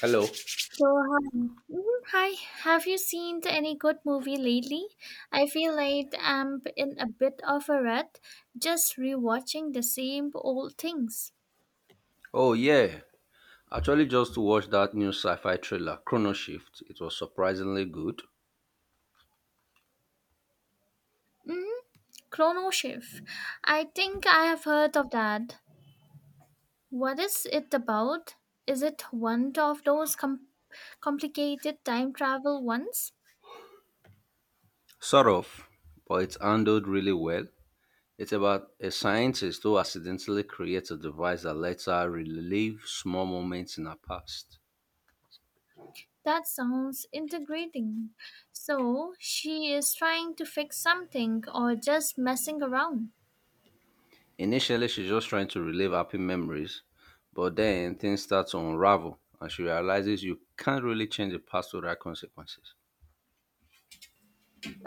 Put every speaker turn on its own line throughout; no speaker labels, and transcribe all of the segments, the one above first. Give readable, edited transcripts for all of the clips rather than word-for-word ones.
Hello.
So, hi. Mhm. Hi, have you seen any good movie lately? I feel like I'm in a bit of a rut, just rewatching the same old things.
Oh yeah. Actually just watched that new sci-fi thriller, Chrono Shift. It was surprisingly good.
Mm-hmm. Chrono Shift. I think I have heard of that. What is it about? Is it one of those complicated time travel ones?
Sort of, but it's handled really well. It's about a scientist who accidentally creates a device that lets her relive small moments in her past.
That sounds integrating. So, she is trying to fix something or just messing around.
Initially she's just trying to relive happy memories, but then things start to unravel and she realizes you can't really change the past without consequences.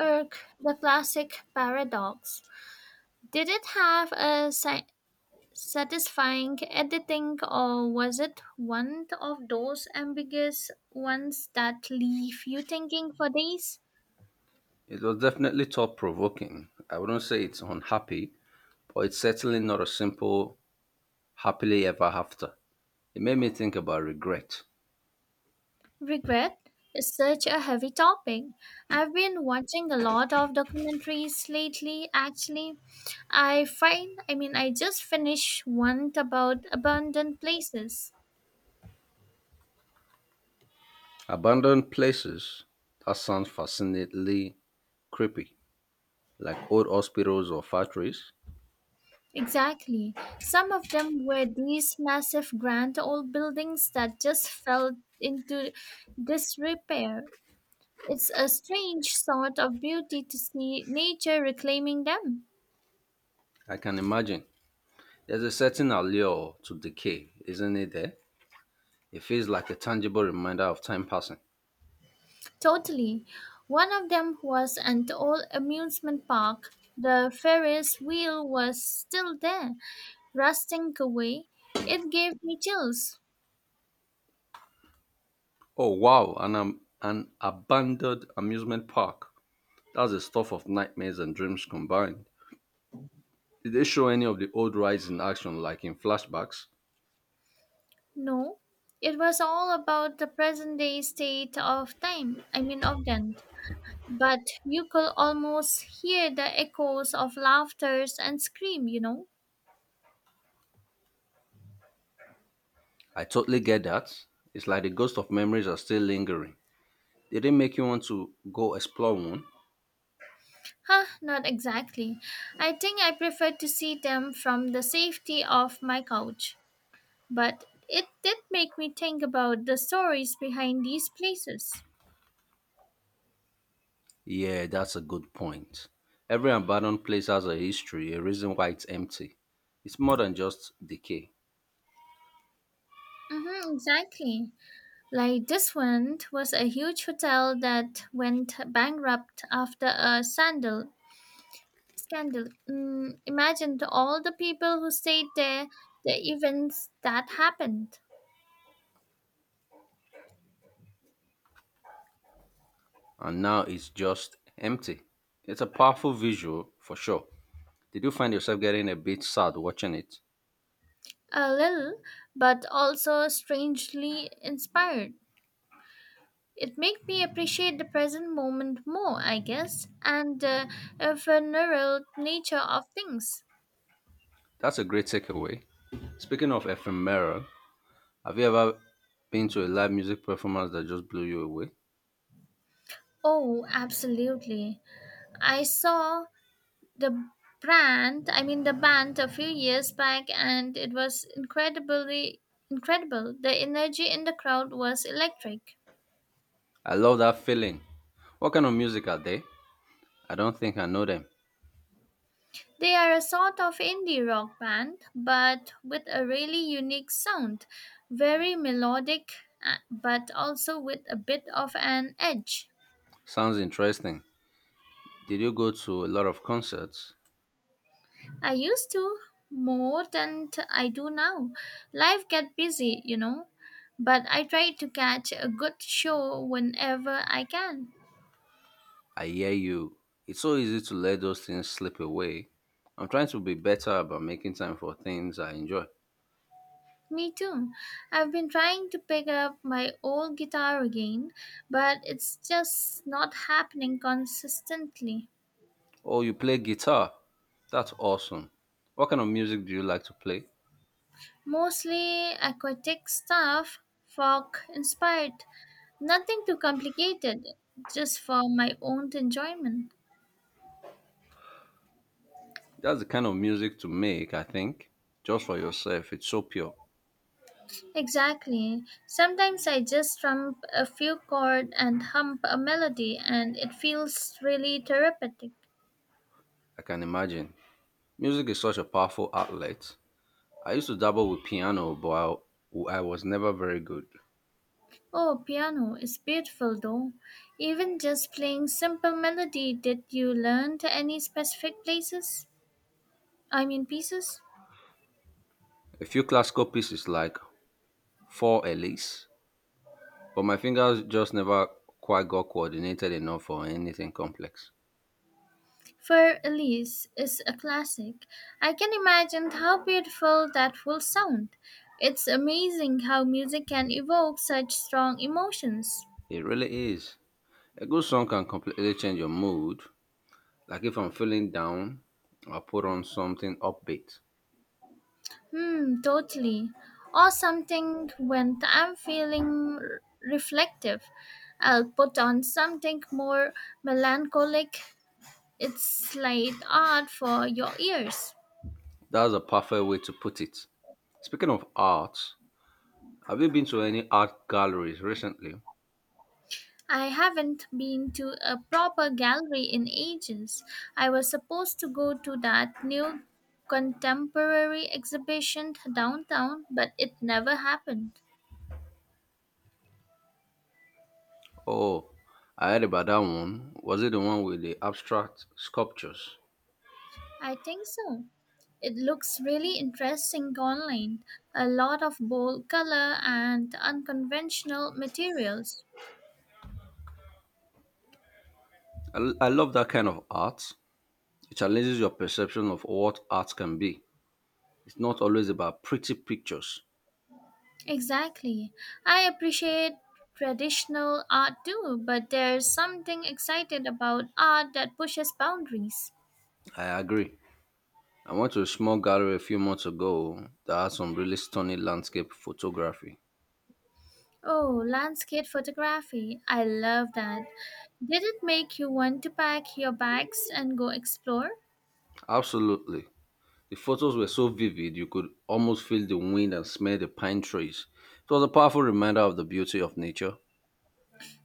Irk, the classic paradox. Did it have a satisfying editing, or was it one of those ambiguous ones that leave you thinking for days?
It was definitely thought provoking. I wouldn't say it's unhappy, but it's certainly not a simple happily ever after. It made me think about regret.
Regret is such a heavy topic. I've been watching a lot of documentaries lately, actually. I find, I mean, I just finished one about abandoned places.
Abandoned places, that sounds fascinatingly creepy, like old hospitals or factories.
Exactly. Some of them were these massive grand old buildings that just fell into disrepair. It's a strange sort of beauty to see nature reclaiming them.
I can imagine. There's a certain allure to decay, isn't it there? It feels like a tangible reminder of time passing.
Totally. One of them was an old amusement park. The Ferris wheel was still there, rusting away. It gave me chills.
Oh wow, an abandoned amusement park. That's the stuff of nightmares and dreams combined. Did they show any of the old rides in action like in flashbacks?
No, it was all about the present day state of time. I mean, of them. But you could almost hear the echoes of laughters and scream.
I totally get that. It's like the ghost of memories are still lingering. Did it make you want to go explore one?
Not exactly. I think I prefer to see them from the safety of my couch. But it did make me think about the stories behind these places.
Yeah, that's a good point. Every abandoned place has a history, a reason why it's empty. It's more than just decay,
Mm-hmm, exactly. Like this one was a huge hotel that went bankrupt after a sandal scandal. Imagine all the people who stayed there, the events that happened.
and now it's just empty. It's a powerful visual for sure. Did you find yourself getting a bit sad watching it?
A little, but also strangely inspired. It made me appreciate the present moment more, I guess, and the ephemeral nature of things.
That's a great takeaway. Speaking of ephemeral, have you ever been to a live music performance that just blew you away?
Oh, absolutely. I saw the brand, I mean the band a few years back, and it was incredibly incredible. The energy in the crowd was electric.
I love that feeling. What kind of music are they? I don't think I know them.
They are a sort of indie rock band, but with a really unique sound, very melodic, but also with a bit of an edge.
Sounds interesting. Did you go to a lot of concerts?
I used to more than I do now. Life get busy, but I try to catch a good show whenever I can.
I hear you. It's so easy to let those things slip away. I'm trying to be better about making time for things I enjoy.
Me too. I've been trying to pick up my old guitar again, but it's just not happening consistently.
Oh, you play guitar? That's awesome. What kind of music do you like to play?
Mostly aquatic stuff, folk inspired, nothing too complicated, just for my own enjoyment.
That's the kind of music to make, I think. Just for yourself. It's so pure.
Exactly. Sometimes I just trump a few chords and hum a melody, and it feels really therapeutic.
I can imagine. Music is such a powerful outlet. I used to dabble with piano, but I was never very good.
Oh, piano is beautiful though. Even just playing simple melody, did you learn to any specific pieces?
A few classical pieces like Four Elise, but my fingers just never quite got coordinated enough for anything complex.
For Elise is a classic. I can imagine how beautiful that will sound. It's amazing how music can evoke such strong emotions.
It really is. A good song can completely change your mood. Like if I'm feeling down, I'll put on something upbeat.
Totally. Or something when I'm feeling reflective. I'll put on something more melancholic. It's light art for your ears.
That's a perfect way to put it. Speaking of art, have you been to any art galleries recently?
I haven't been to a proper gallery in ages. I was supposed to go to that new contemporary exhibition downtown, but it never happened.
Oh, I heard about that one. Was it the one with the abstract sculptures?
I think so. It looks really interesting online. A lot of bold color and unconventional materials.
I love that kind of art. It challenges your perception of what art can be. It's not always about pretty pictures.
Exactly. I appreciate traditional art too, but there's something exciting about art that pushes boundaries.
I agree. I went to a small gallery a few months ago that had some really stunning landscape photography.
Oh, landscape photography. I love that. Did it make you want to pack your bags and go explore?
Absolutely. The photos were so vivid you could almost feel the wind and smell the pine trees. It was a powerful reminder of the beauty of nature.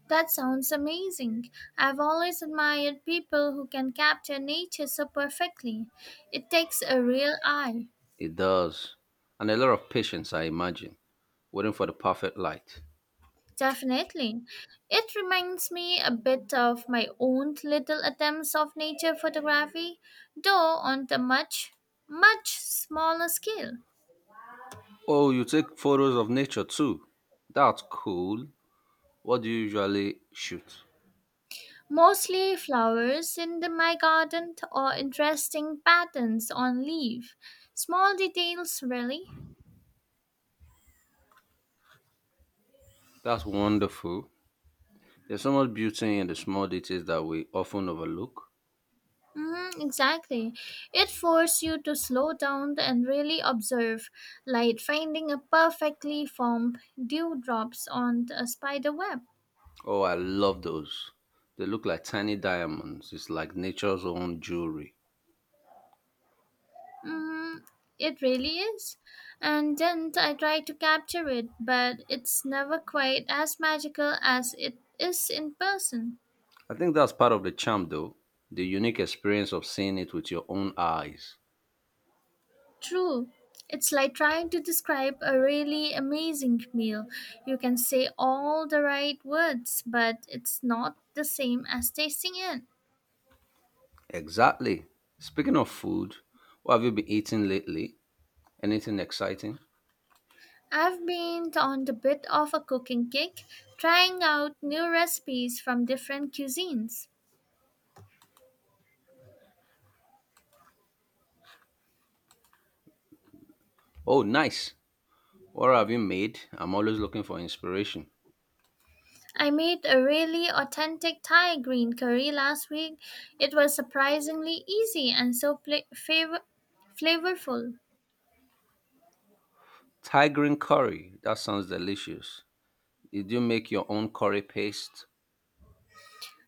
That sounds amazing. I've always admired people who can capture nature so perfectly. It takes a real eye.
It does. And a lot of patience, I imagine, waiting for the perfect light.
Definitely. It reminds me a bit of my own little attempts of nature photography, though on a much, much smaller scale.
Oh, you take photos of nature too. That's cool. What do you usually shoot?
Mostly flowers in my garden or interesting patterns on leaf. Small details, really.
That's wonderful. There's so much beauty in the small details that we often overlook.
Hmm, exactly. It forces you to slow down and really observe, like finding a perfectly formed dewdrops on a spider web.
Oh, I love those. They look like tiny diamonds. It's like nature's own jewelry.
Hmm. It really is. And then I try to capture it, but it's never quite as magical as it is in person.
I think that's part of the charm, though. The unique experience of seeing it with your own eyes.
True. It's like trying to describe a really amazing meal. You can say all the right words, but it's not the same as tasting it.
Exactly. Speaking of food, what have you been eating lately? Anything exciting?
I've been on the bit of a cooking kick, trying out new recipes from different cuisines.
Oh, nice. What have you made? I'm always looking for inspiration.
I made a really authentic Thai green curry last week. It was surprisingly easy and so flavorful.
Tigrine curry. That sounds delicious. Did you make your own curry paste?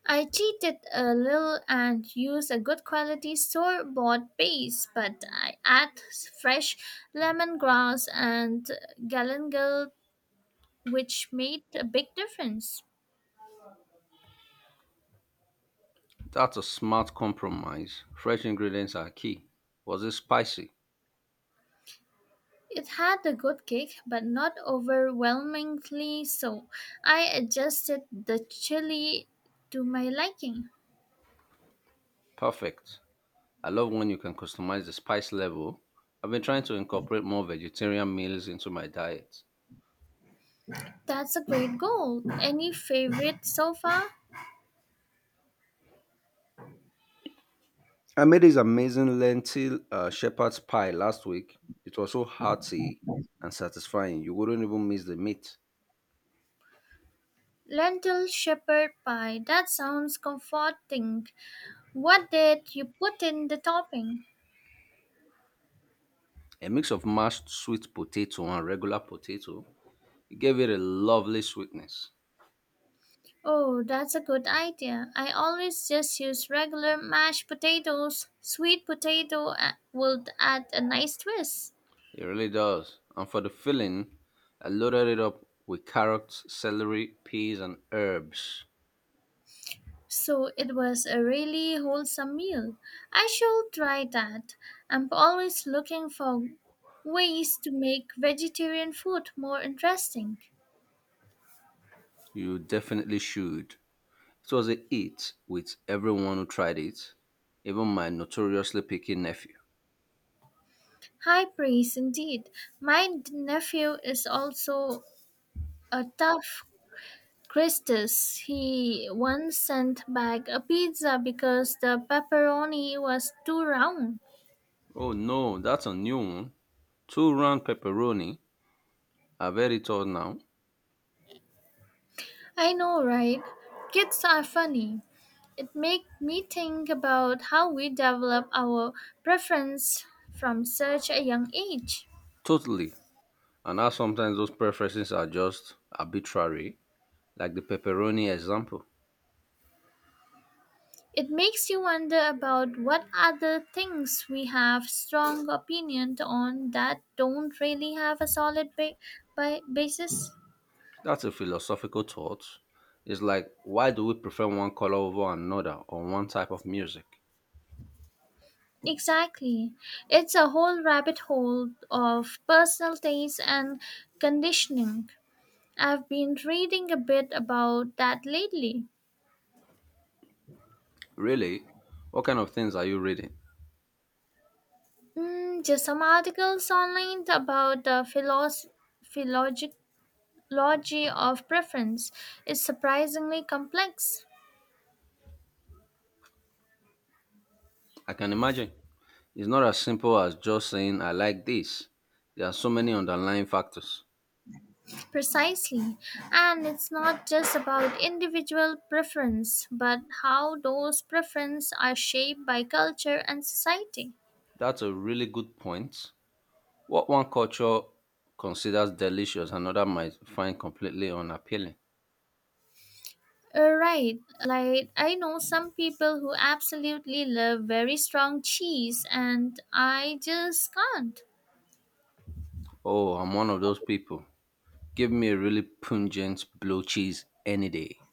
I cheated a little and used a good quality store bought base, but I add fresh lemongrass and galangal, which made a big difference.
That's a smart compromise. Fresh ingredients are key. Was it spicy?
It had a good kick, but not overwhelmingly so. I adjusted the chili to my liking.
Perfect. I love when you can customize the spice level. I've been trying to incorporate more vegetarian meals into my diet.
That's a great goal. Any favorite so far?
I made this amazing lentil shepherd's pie last week. It was so hearty and satisfying. You wouldn't even miss the meat.
Lentil shepherd pie. That sounds comforting. What did you put in the topping?
A mix of mashed sweet potato and regular potato it gave it a lovely sweetness.
Oh, that's a good idea. I always just use regular mashed potatoes. Sweet potato would add a nice twist.
It really does. And for the filling, I loaded it up with carrots, celery, peas, and herbs.
So it was a really wholesome meal. I shall try that. I'm always looking for ways to make vegetarian food more interesting.
You definitely should. It was a hit with everyone who tried it, even my notoriously picky nephew.
High praise indeed. My nephew is also a tough Christus. He once sent back a pizza because the pepperoni was too round.
Oh no, that's a new one. Two round pepperoni. I've had it all now.
I know, right? Kids are funny. It made me think about how we develop our preference from such a young age.
Totally. And now sometimes those preferences are just arbitrary, like the pepperoni example.
It makes you wonder about what other things we have strong opinion on that don't really have a solid basis.
That's a philosophical thought. It's like, why do we prefer one color over another or one type of music?
Exactly. It's a whole rabbit hole of personal taste and conditioning. I've been reading a bit about that lately.
Really? What kind of things are you reading?
Just some articles online about the philology of preference. It's surprisingly complex.
I can imagine. It's not as simple as just saying, I like this. There are so many underlying factors.
Precisely. And it's not just about individual preference, but how those preferences are shaped by culture and society.
That's a really good point. What one culture considers delicious, another might find completely unappealing.
Right, like I know some people who absolutely love very strong cheese, and I just can't
Oh, I'm one of those people. Give me a really pungent blue cheese any day.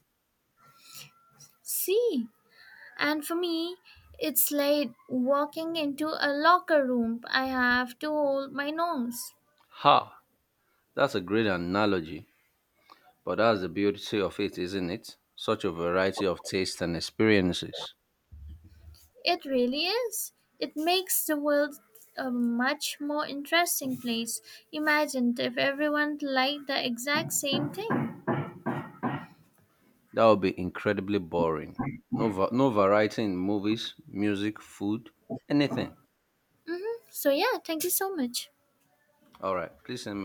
see. And for me, it's like walking into a locker room. I have to hold my nose.
Ha! That's a great analogy. But that's the beauty of it, isn't it? Such a variety of tastes and experiences.
It really is. It makes the world a much more interesting place. Imagine if everyone liked the exact same thing.
That would be incredibly boring. No, no variety in movies, music, food, anything.
Hmm. So, yeah, thank you so much.
All right, please send